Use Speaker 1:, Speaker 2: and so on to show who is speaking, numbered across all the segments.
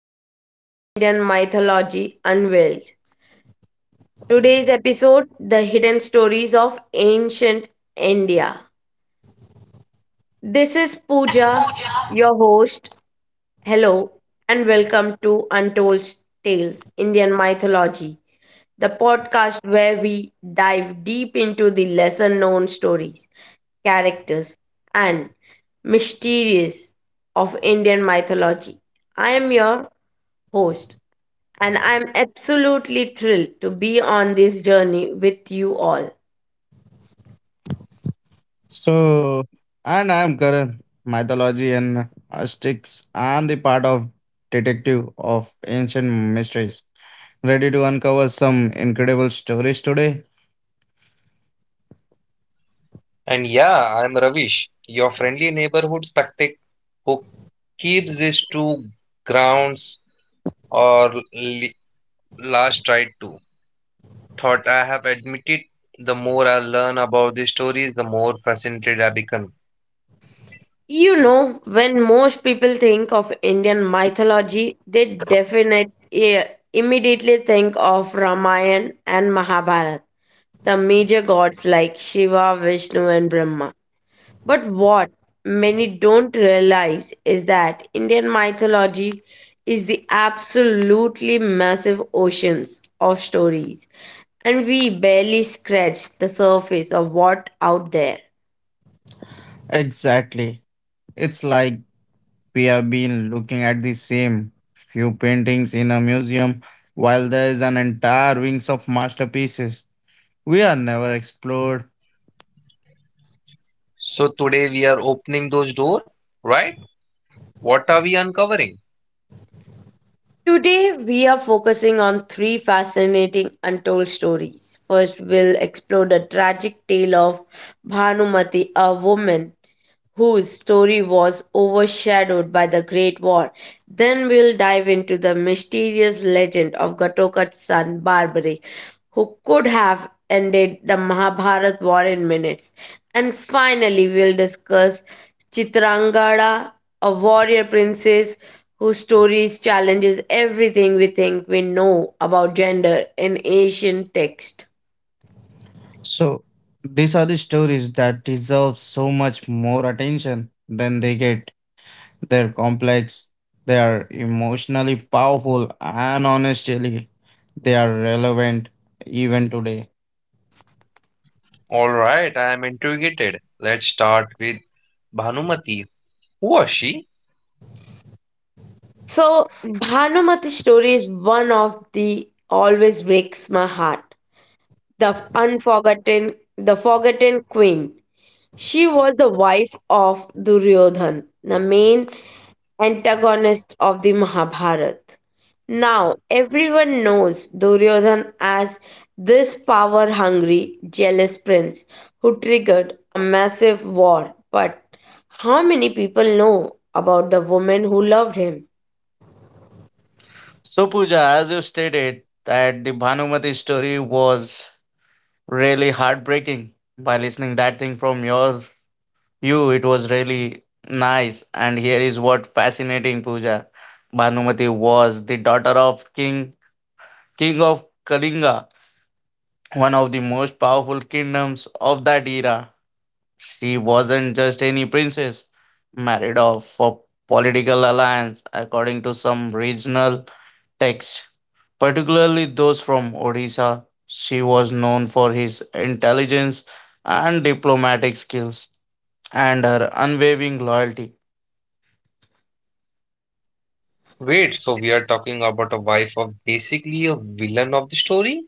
Speaker 1: Tales Indian Mythology Unveiled. Today's episode, The Hidden Stories of Ancient India. This is Pooja, your host. Hello, and welcome to Untold Tales Indian Mythology, the podcast where we dive deep into the lesser known stories, characters, and mysteries of Indian mythology. I am your host, and I'm absolutely thrilled to be on this journey with you all.
Speaker 2: So, and I'm Karan, mythology and aesthetics, and the part of detective of ancient mysteries. Ready to uncover some incredible stories today?
Speaker 3: And yeah, I'm Ravish, your friendly neighborhood spectac who keeps these two grounds or last tried to. Thought I have admitted, the more I learn about these stories, the more fascinated I become.
Speaker 1: You know, when most people think of Indian mythology, they definitely immediately think of Ramayana and Mahabharata, the major gods like Shiva, Vishnu, and Brahma. But what many don't realize is that Indian mythology is the absolutely massive oceans of stories, and we barely scratch the surface of what out there.
Speaker 2: Exactly. It's like we have been looking at the same few paintings in a museum while there is an entire wings of masterpieces we are never explored.
Speaker 3: So today we are opening those doors, right? What are we uncovering?
Speaker 1: Today, we are focusing on three fascinating untold stories. First, we'll explore the tragic tale of Bhanumati, a woman whose story was overshadowed by the Great War. Then we'll dive into the mysterious legend of Gatotka's son Barbaric, who could have ended the Mahabharat war in minutes. And finally, we'll discuss Chitrangada, a warrior princess whose stories challenges everything we think we know about gender in ancient text.
Speaker 2: So, these are the stories that deserve so much more attention than they get. They're complex, they are emotionally powerful, and honestly, they are relevant even today.
Speaker 3: All right, I am intrigued. Let's start with Bhanumati. Who was she?
Speaker 1: So, Bhanumati's story is one of the always breaks my heart, the unforgotten, the forgotten queen. She was the wife of Duryodhan, the main antagonist of the Mahabharata. Now, everyone knows Duryodhan as this power hungry, jealous prince who triggered a massive war. But how many people know about the woman who loved him?
Speaker 2: So, Pooja, as you stated, that the Bhanumati story was really heartbreaking. By listening that thing from your you, it was really nice. And here is what fascinating, Pooja. Bhanumati was the daughter of King of Kalinga, one of the most powerful kingdoms of that era. She wasn't just any princess, married off for political alliance, according to some regional texts, particularly those from Odisha. She was known for his intelligence and diplomatic skills and her unwavering loyalty.
Speaker 3: Wait, so we are talking about a wife of basically a villain of the story?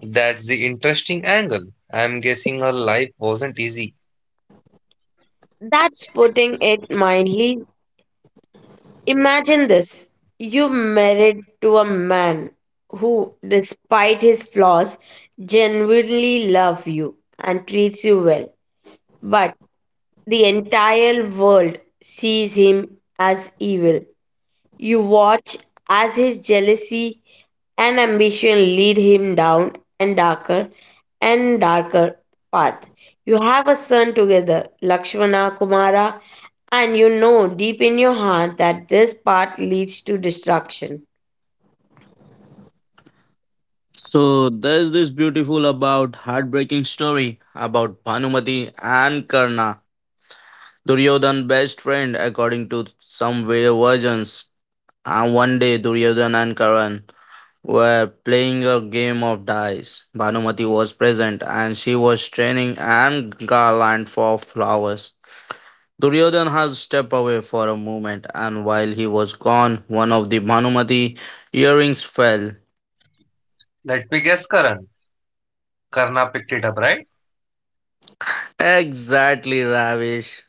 Speaker 3: That's the interesting angle. I'm guessing her life wasn't easy.
Speaker 1: That's putting it mildly. Imagine this, you married to a man who, despite his flaws, genuinely loves you and treats you well. But the entire world sees him as evil. You watch as his jealousy and ambition lead him down, and darker and darker path. You have a son together, Lakshmana Kumara, and you know deep in your heart that this path leads to destruction.
Speaker 2: So there's this beautiful about heartbreaking story about Bhanumati and Karna, Duryodhan's best friend according to some versions. And one day Duryodhan and Karan were playing a game of dice. Banumati was present and she was straining and garland for flowers. Duryodhan had stepped away for a moment, and while he was gone, one of the Bhanumati earrings fell.
Speaker 3: Let me guess, Karan. Karna picked it up, right?
Speaker 2: Exactly, Ravish.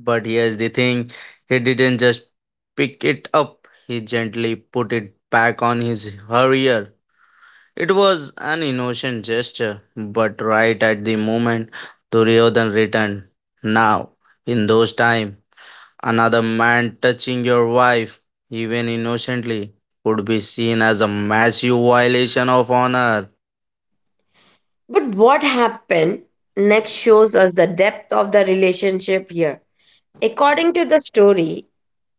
Speaker 2: But here's the thing he didn't just pick it up, he gently put it back on his hair. It was an innocent gesture, but right at the moment Duryodhan returned. Now, in those times, another man touching your wife, even innocently, would be seen as a massive violation of honor.
Speaker 1: But what happened next shows us the depth of the relationship here. According to the story,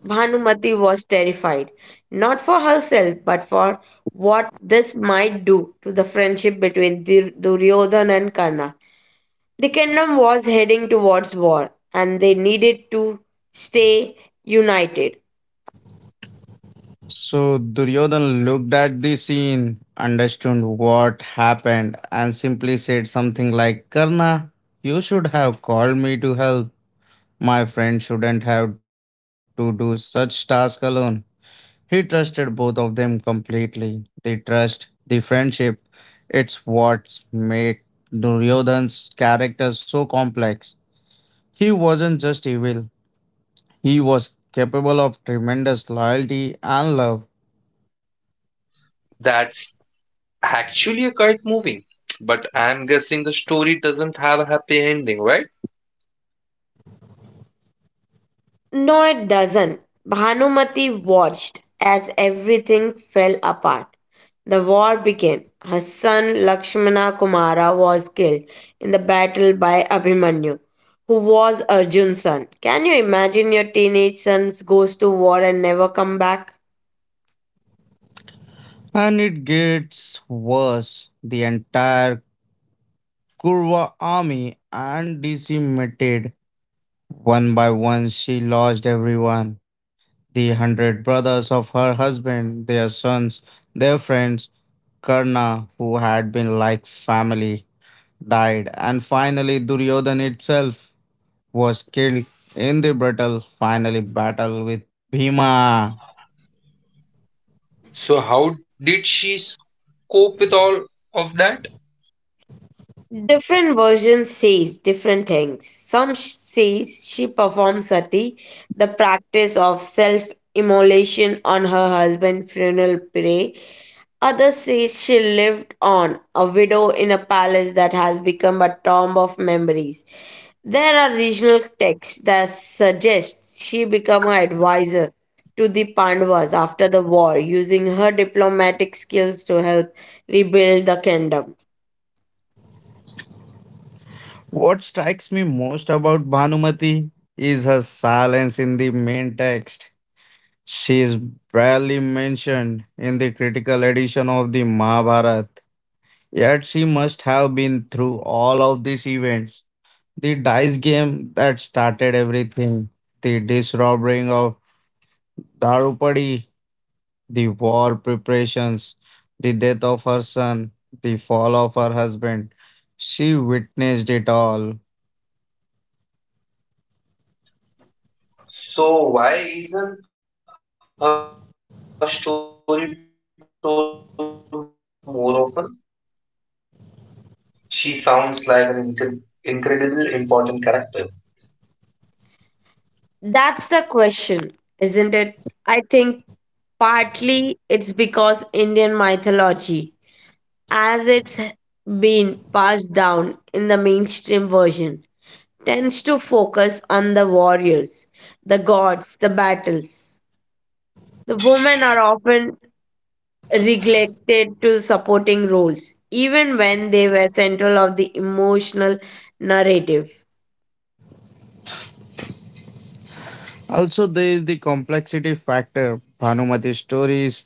Speaker 1: Bhanumati was terrified, not for herself, but for what this might do to the friendship between Duryodhan and Karna. The kingdom was heading towards war, and they needed to stay united.
Speaker 2: So Duryodhan looked at the scene, understood what happened, and simply said something like, "Karna, you should have called me to help. My friend shouldn't have to do such task alone." He trusted both of them completely. The trust, the friendship, it's what made Duryodhan's character so complex. He wasn't just evil, he was capable of tremendous loyalty and love.
Speaker 3: That's actually a quite moving. But I'm guessing the story doesn't have a happy ending, right?
Speaker 1: No, it doesn't. Bhanumati watched as everything fell apart. The war began. Her son Lakshmana Kumara was killed in the battle by Abhimanyu, who was Arjun's son. Can you imagine your teenage son goes to war and never come back?
Speaker 2: And it gets worse. The entire Kurva army and decimated. One by one, she lost everyone. The hundred brothers of her husband, their sons, their friends, Karna, who had been like family, died, and finally Duryodhan itself was killed in the brutal finally battle with Bhima.
Speaker 3: So how did she cope with all of that?
Speaker 1: Different versions says different things. Some says she performed sati, the practice of self-immolation on her husband's funeral pyre. Others says she lived on, a widow in a palace that has become a tomb of memories. There are regional texts that suggest she became an advisor to the Pandavas after the war, using her diplomatic skills to help rebuild the kingdom.
Speaker 2: What strikes me most about Bhanumati is her silence in the main text. She is barely mentioned in the critical edition of the Mahabharata, yet she must have been through all of these events. The dice game that started everything, the disrobing of Darupadi, the war preparations, the death of her son, the fall of her husband. She witnessed it all.
Speaker 3: So why isn't her story told more often? She sounds like an incredible important character.
Speaker 1: That's the question, isn't it? I think partly it's because Indian mythology, as it's been passed down in the mainstream version, tends to focus on the warriors, the gods, the battles. The women are often neglected to supporting roles, even when they were central of the emotional narrative.
Speaker 2: Also, there is the complexity factor. Bhanumati's stories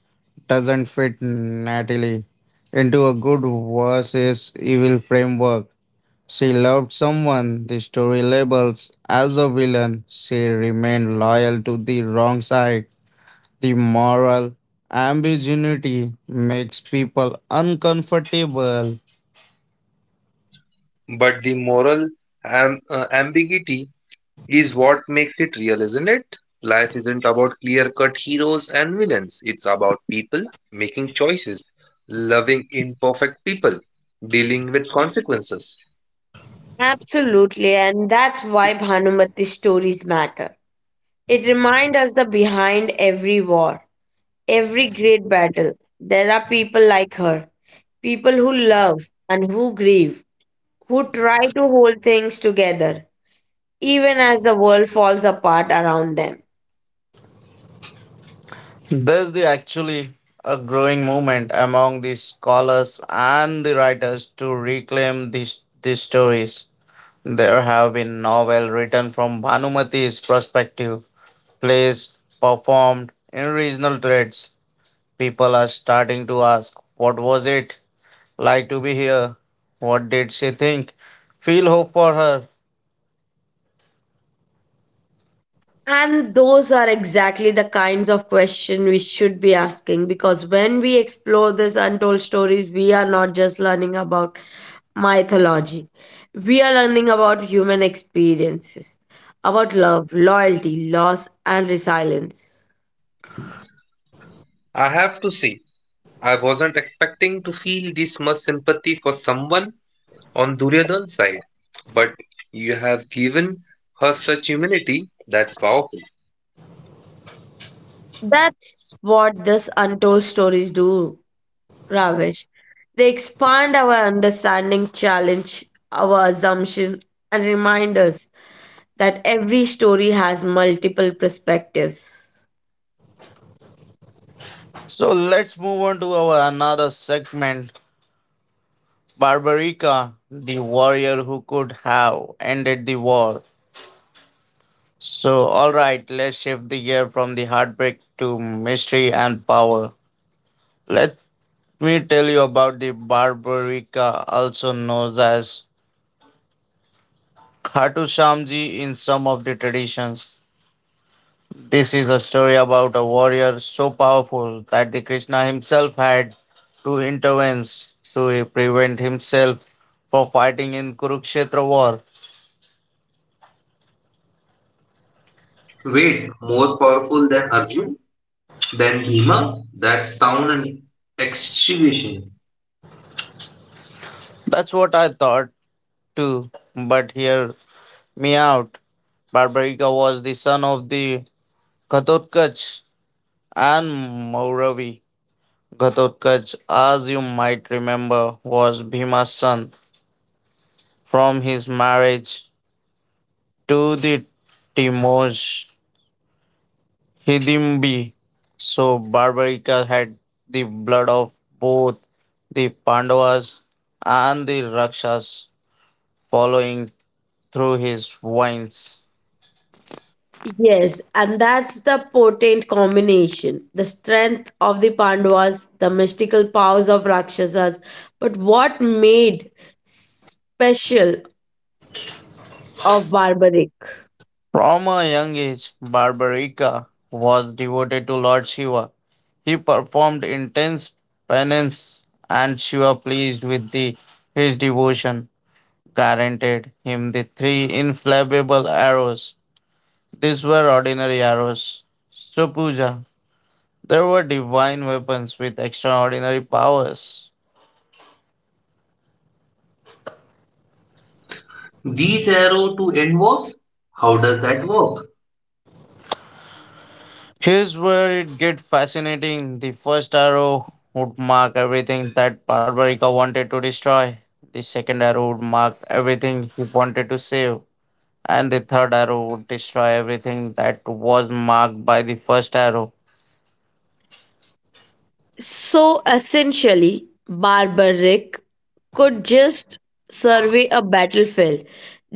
Speaker 2: doesn't fit neatly into a good versus evil framework. She loved someone the story labels as a villain. She remained loyal to the wrong side. The moral ambiguity makes people uncomfortable.
Speaker 3: But the moral ambiguity is what makes it real, isn't it? Life isn't about clear cut heroes and villains. It's about people making choices, loving imperfect people, dealing with consequences.
Speaker 1: Absolutely, and that's why Bhanumati's stories matter. It reminds us that behind every war, every great battle, there are people like her, people who love and who grieve, who try to hold things together, even as the world falls apart around them.
Speaker 2: There's the actually a growing movement among the scholars and the writers to reclaim these stories. There have been novels written from Bhanumati's perspective, plays performed in regional threads. People are starting to ask, "What was it like to be here? What did she think? Feel hope for her."
Speaker 1: And those are exactly the kinds of questions we should be asking, because when we explore these untold stories, we are not just learning about mythology. We are learning about human experiences, about love, loyalty, loss, and resilience.
Speaker 3: I have to say, I wasn't expecting to feel this much sympathy for someone on Duryodhan's side, but you have given her such humanity that's powerful.
Speaker 1: That's what these untold stories do, Ravish. They expand our understanding, challenge our assumption, and remind us that every story has multiple perspectives.
Speaker 2: So let's move on to our another segment: Barbarica, the warrior who could have ended the war. So, alright, let's shift the gear from the heartbreak to mystery and power. Let me tell you about the Barbarica, also known as Khatu Shamji in some of the traditions. This is a story about a warrior so powerful that the Krishna himself had to intervene to prevent himself from fighting in Kurukshetra war.
Speaker 3: Wait, more powerful than Arjun? Than Bhima? That's sound and excavation.
Speaker 2: That's what I thought too, but hear me out. Barbarika was the son of the Ghatotkacha and Mauravi. Ghatotkacha, as you might remember, was Bhima's son from his marriage to the Timoj Hidimbi. So Barbarica had the blood of both the Pandavas and the Rakshas following through his veins.
Speaker 1: Yes, and that's the potent combination. The strength of the Pandavas, the mystical powers of Rakshasas, but what made special of barbaric?
Speaker 2: From a young age, Barbarica was devoted to Lord Shiva. He performed intense penance and Shiva pleased with his devotion guaranteed him the three inflammable arrows. These were ordinary arrows. So Puja. There were divine weapons with extraordinary powers.
Speaker 3: These arrow to involves? How does that work?
Speaker 2: Here's where it gets fascinating. The first arrow would mark everything that Barbarica wanted to destroy. The second arrow would mark everything he wanted to save. And the third arrow would destroy everything that was marked by the first arrow.
Speaker 1: So essentially, barbaric could just survey a battlefield,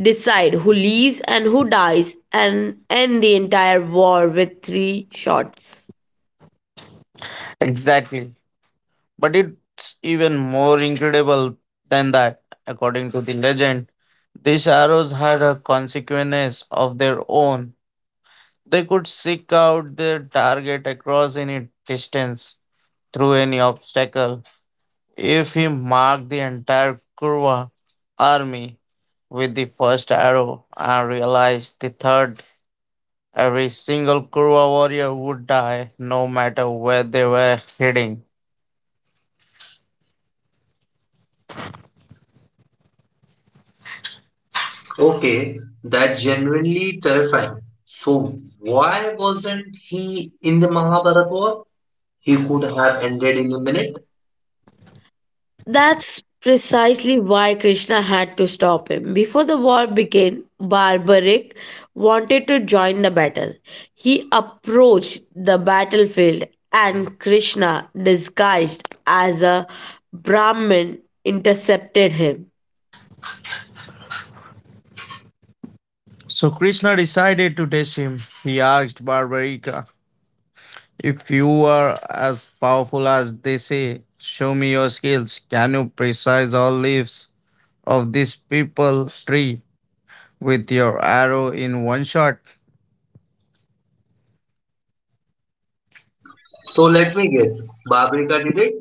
Speaker 1: decide who lives and who dies, and end the entire war with three shots.
Speaker 2: Exactly. But it's even more incredible than that. According to the legend, these arrows had a consequence of their own. They could seek out their target across any distance through any obstacle. If he marked the entire Kurwa army with the first arrow and realized the third, every single Kurwa warrior would die no matter where they were heading.
Speaker 3: Okay, that's genuinely terrifying. So why wasn't he in the Mahabharata war? He could have ended in a minute.
Speaker 1: That's precisely why Krishna had to stop him. Before the war began, Barbaric wanted to join the battle. He approached the battlefield, and Krishna, disguised as a Brahmin, intercepted him.
Speaker 2: So Krishna decided to test him. He asked Barbarica, "If you are as powerful as they say, show me your skills. Can you precise all leaves of this people tree with your arrow in one shot?"
Speaker 3: So let me guess. Babrika did it.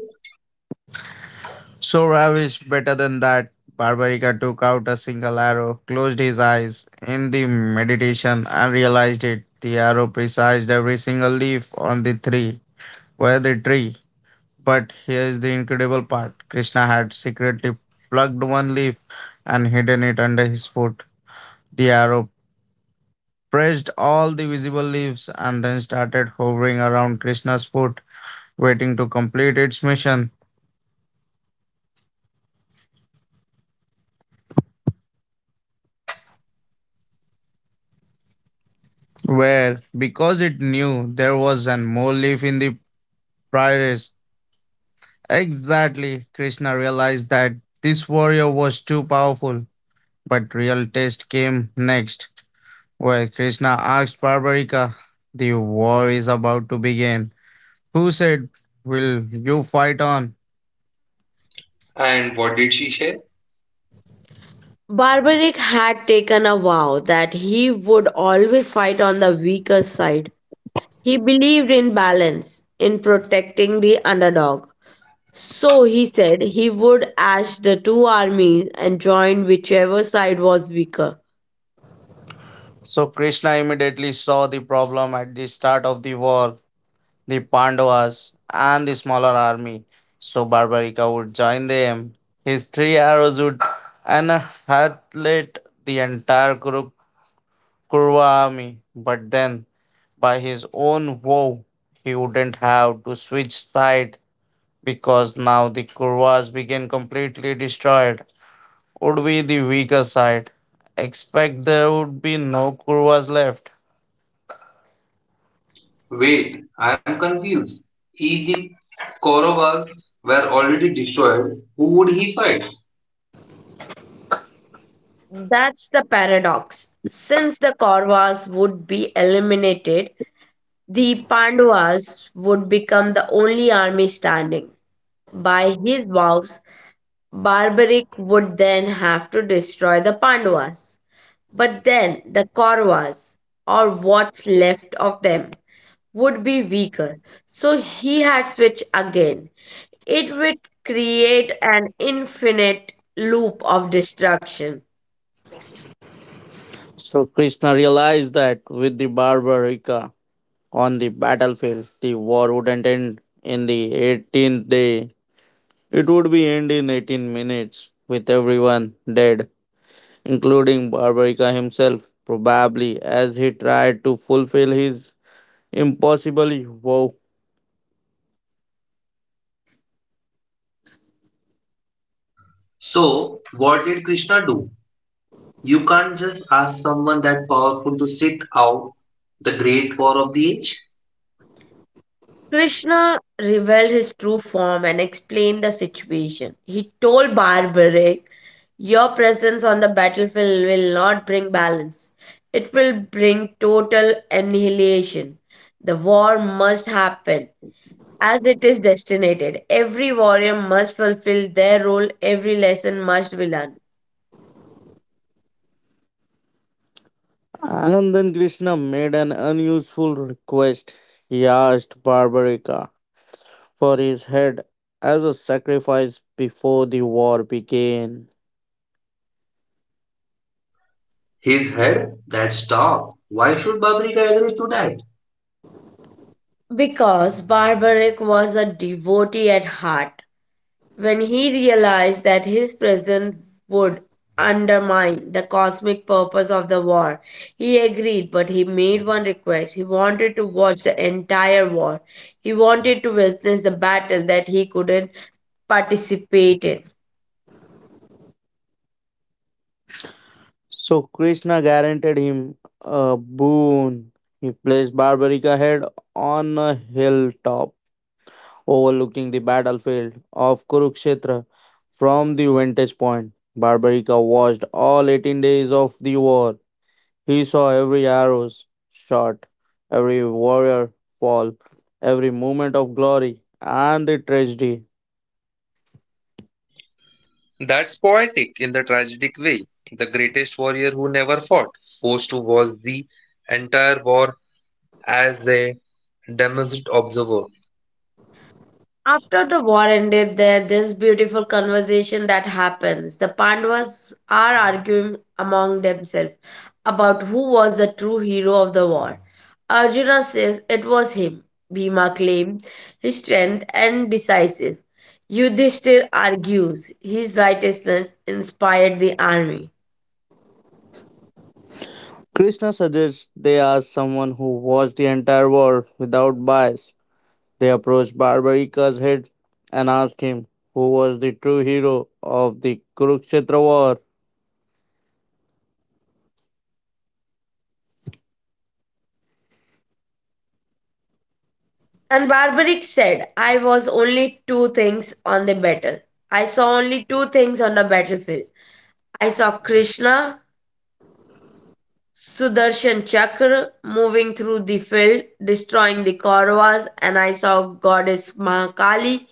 Speaker 2: So ravish better than that. Barbarica took out a single arrow, closed his eyes in the meditation, and realized it. The arrow precised every single leaf on the tree, where the tree. But here's the incredible part: Krishna had secretly plucked one leaf and hidden it under his foot. The arrow pressed all the visible leaves and then started hovering around Krishna's
Speaker 1: So,
Speaker 2: foot,
Speaker 1: because it knew
Speaker 2: waiting
Speaker 1: there
Speaker 2: to
Speaker 1: was
Speaker 2: complete
Speaker 1: one
Speaker 2: its
Speaker 1: more leaf
Speaker 2: mission,
Speaker 1: to precise,
Speaker 2: where, because it knew there was an more leaf in the prioress, exactly. Krishna realized that this warrior was too powerful. But real test came next, where Krishna asked Barbarica, "The war is about to begin. Who said, will you fight on?"
Speaker 3: And what did she say?
Speaker 1: Barbaric had taken a vow that he would always fight on the weaker side. He believed in balance, in protecting the underdog. So he said he would ash the two armies and join whichever side was weaker.
Speaker 2: So Krishna immediately saw the problem at the start of the war. The Pandavas and the smaller army, so Barbarika would join them. His three arrows would annihilate the entire Kurva army, but then by his own vow, he wouldn't have to switch side because now the Kurvas began completely destroyed, would be the weaker side. Expect there would be no Kurvas left.
Speaker 3: Wait, I'm confused. If the Kauravas were already destroyed, who would he fight?
Speaker 1: That's the paradox. Since the Kauravas would be eliminated, the Pandavas would become the only army standing. By his vows, Barbaric would then have to destroy the Pandavas. But then the Kauravas, or what's left of them, would be weaker. So he had switched again. It would create an infinite loop of destruction.
Speaker 2: So Krishna realized that with the Barbarika on the battlefield. The war wouldn't end in the 18th day. It would be end in 18 minutes, with everyone dead, including Barbarica himself, probably as he tried to fulfill his impossible vow.
Speaker 3: So what did Krishna do? You can't just ask someone that powerful to sit out the great war of the age.
Speaker 1: Krishna revealed his true form and explained the situation. He told Barbaric, your presence on the battlefield will not bring balance, it will bring total annihilation. The war must happen as it is destined. Every warrior must fulfill their role, every lesson must be learned.
Speaker 2: And then Krishna made an unusual request. He asked Barbarica for his head as a sacrifice before the war began.
Speaker 3: His head, that's dark. Why should Babrika agree to that?
Speaker 1: Because Barbaric was a devotee at heart, when he realized that his presence would undermine the cosmic purpose of the war, he agreed, but he made one request. He wanted to watch the entire war, he wanted to witness the battle that he couldn't participate in.
Speaker 2: So Krishna guaranteed him a boon. He placed Barbarica head on a hilltop overlooking the battlefield of Kurukshetra from the vantage point. Barbarica watched all 18 days of the war. He saw every arrow shot, every warrior fall, every moment of glory and the tragedy.
Speaker 3: That's poetic in the tragic way. The greatest warrior who never fought, forced to watch the entire war as a damaged observer.
Speaker 1: After the war ended, there this beautiful conversation that happens. The Pandavas are arguing among themselves about who was the true hero of the war. Arjuna says it was him. Bhima claims his strength and decisive. Yudhishthir argues his righteousness inspired the army.
Speaker 2: Krishna suggests they ask someone who watched the entire war without bias. They approached Barbarika's head and asked him who was the true hero of the Kurukshetra war.
Speaker 1: And Barbaric said, I was only two things on the battle. I saw only two things on the battlefield. I saw Krishna Sudarshan Chakra moving through the field, destroying the Kauravas, and I saw goddess Mahakali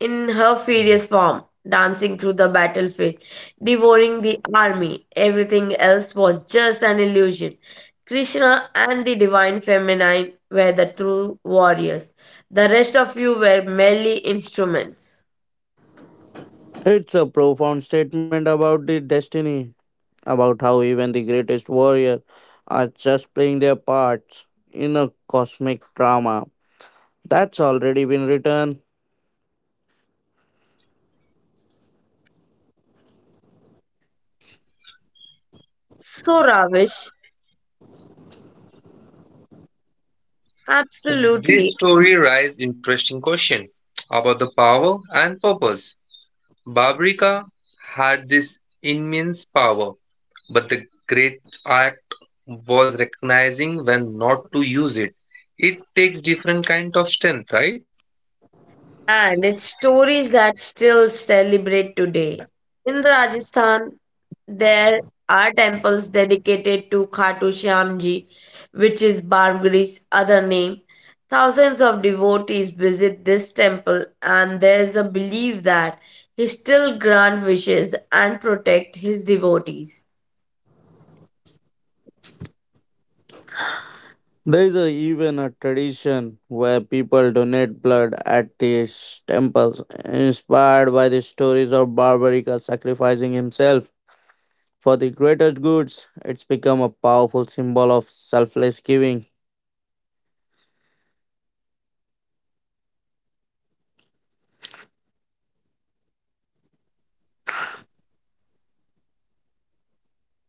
Speaker 1: in her furious form, dancing through the battlefield, devouring the army. Everything else was just an illusion. Krishna and the divine feminine were the true warriors. The rest of you were merely instruments.
Speaker 2: It's a profound statement about the destiny, about how even the greatest warrior are just playing their parts in a cosmic drama that's already been written.
Speaker 1: So, Ravish, absolutely.
Speaker 3: This story raises interesting question about the power and purpose. Babrika had this immense power, but the great art was recognizing when not to use it. It takes different kind of strength, right?
Speaker 1: And it's stories that still celebrate today. In Rajasthan, there are temples dedicated to Khatu Shyam Ji, which is Bargari's other name. Thousands of devotees visit this temple, and there is a belief that he still grant wishes and protect his devotees.
Speaker 2: There is a, even a tradition where people donate blood at these temples, inspired by the stories of Barbarika sacrificing himself for the greater goods. It's become a powerful symbol of selfless giving.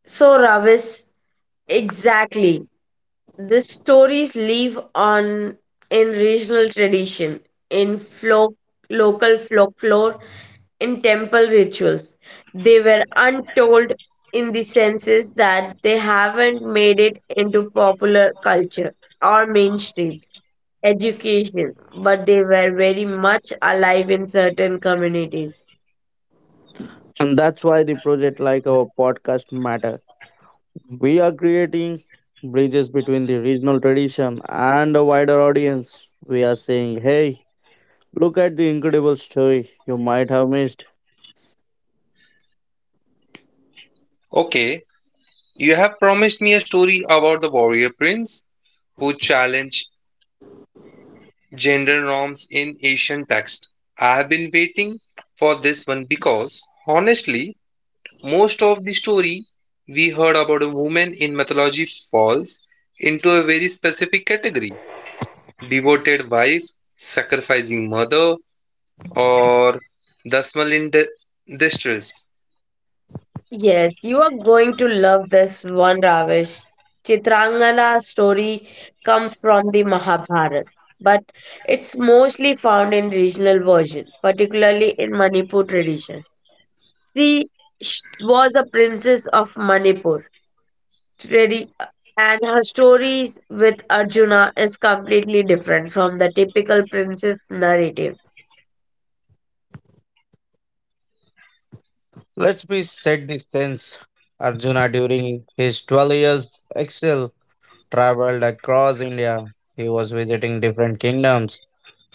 Speaker 1: So, Ravis, exactly. The stories live on in regional tradition, in folk, local folklore, in temple rituals. They were untold in the senses that they haven't made it into popular culture or mainstreams education, but they were very much alive in certain communities.
Speaker 2: And that's why the project like our podcast matter. We are creating bridges between the regional tradition and a wider audience. We are saying, hey, look at the incredible story you might have missed.
Speaker 3: Okay, you have promised me a story about the warrior prince who challenged gender norms in Asian text. I have been waiting for this one because honestly, most of the story we heard about a woman in mythology falls into a very specific category. Devoted wife, sacrificing mother, or Dasmal in distress.
Speaker 1: Yes, you are going to love this one, Ravish. Chitrangala story comes from the Mahabharata, but it's mostly found in regional version, particularly in Manipur tradition. She was a princess of Manipur, tradi- and her stories with Arjuna is completely different from the typical princess narrative.
Speaker 2: Let's be set the sense. Arjuna during his 12 years exile traveled across India. He was visiting different kingdoms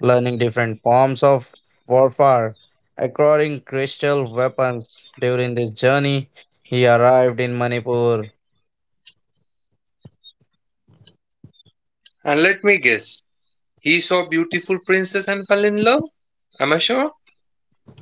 Speaker 2: learning different forms of warfare, acquiring crystal weapons. During this journey, he arrived in Manipur.
Speaker 3: And let me guess, he saw beautiful princess and fell in love? Am I sure?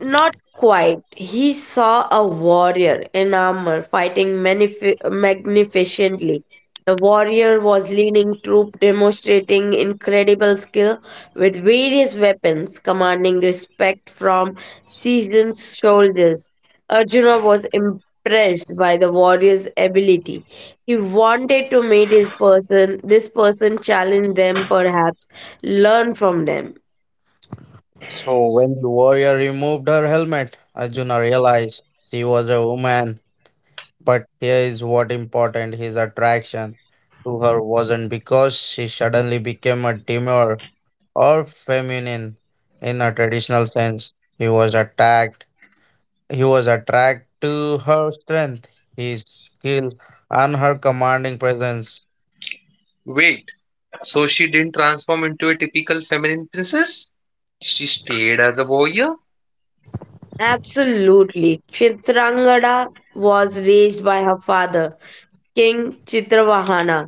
Speaker 1: Not quite. He saw a warrior in armor fighting magnificently. The warrior was leading troop, demonstrating incredible skill with various weapons, commanding respect from seasoned soldiers. Arjuna was impressed by the warrior's ability. He wanted to meet his person. This person challenge them, perhaps learn from them.
Speaker 2: So, when the warrior removed her helmet, Arjuna realized she was a woman. But here is what important his attraction to her wasn't because she suddenly became a demure or feminine in a traditional sense. He was attacked He was attracted to her strength, his skill, and her commanding presence.
Speaker 3: Wait, so she didn't transform into a typical feminine princess? She stayed as a warrior?
Speaker 1: Absolutely. Chitrangada was raised by her father, King Chitravahana,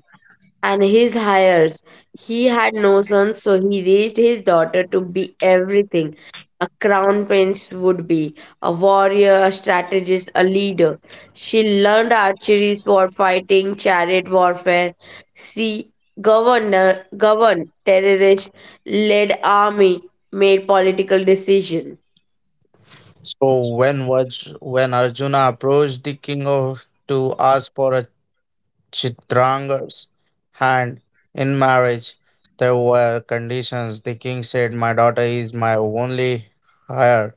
Speaker 1: and his heirs. He had no sons, so he raised his daughter to be everything a crown prince would be, a warrior, a strategist, a leader. She learned archery, sword fighting, chariot warfare. She governor, governed terrorists, led army, made political decisions.
Speaker 2: So when when Arjuna approached the king of, to ask for a Chitranga's hand in marriage, there were conditions. The king said, "My daughter is my only heir.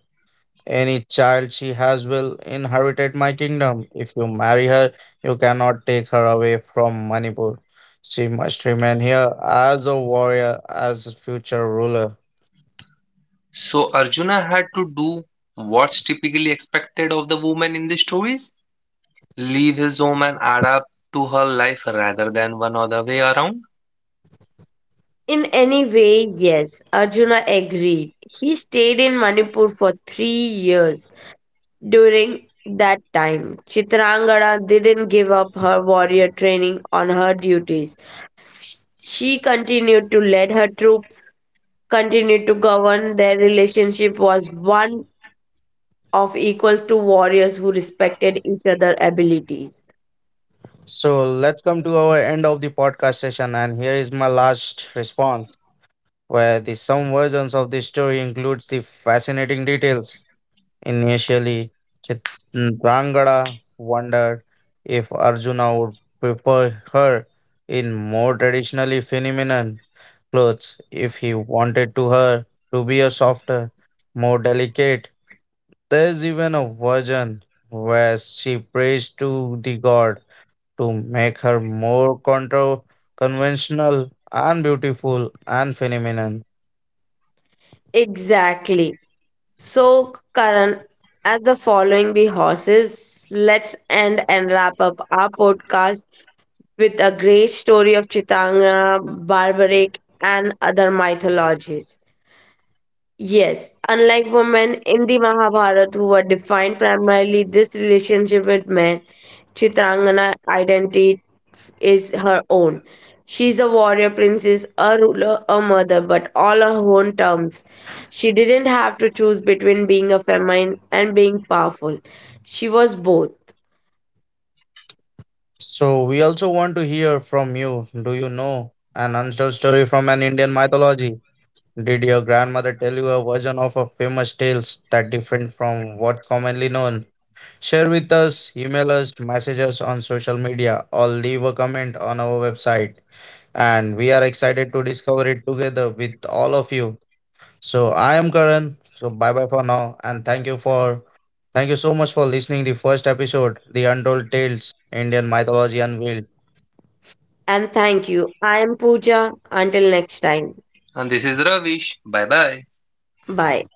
Speaker 2: Any child she has will inherit my kingdom. If you marry her, you cannot take her away from Manipur. She must remain here as a warrior, as a future ruler."
Speaker 3: So Arjuna had to do what's typically expected of the woman in these stories? Leave his home and adapt to her life rather than one other way around.
Speaker 1: In any way, yes, Arjuna agreed. He stayed in Manipur for 3 years. During that time, Chitrangada didn't give up her warrior training on her duties. She continued to lead her troops, continued to govern. Their relationship was one of equals to warriors who respected each other's abilities.
Speaker 2: So let's come to our end of the podcast session, and here is my last response, where the some versions of the story includes the fascinating details. Initially, Chitrangada wondered if Arjuna would prefer her in more traditionally feminine clothes if he wanted to her to be a softer, more delicate. There is even a version where she prays to the god to make her more conventional and beautiful and feminine.
Speaker 1: Exactly. So, Karan, as the following the horses, let's end and wrap up our podcast with a great story of Chitanga, Barbaric, and other mythologies. Yes, unlike women in the Mahabharata who were defined primarily this relationship with men, Chitrangana identity is her own. She is a warrior princess, a ruler, a mother, but all her own terms. She didn't have to choose between being a feminine and being powerful. She was both.
Speaker 2: So we also want to hear from you. Do you know an untold story from an Indian mythology? Did your grandmother tell you a version of a famous tales that different from what commonly known? Share with us, email us, message us on social media, or leave a comment on our website. And we are excited to discover it together with all of you. So I am Karan. So bye bye for now, and thank you so much for listening the first episode, the Untold Tales, Indian Mythology Unveiled.
Speaker 1: And thank you. I am Pooja. Until next time.
Speaker 3: And this is Ravish. Bye bye.
Speaker 1: Bye.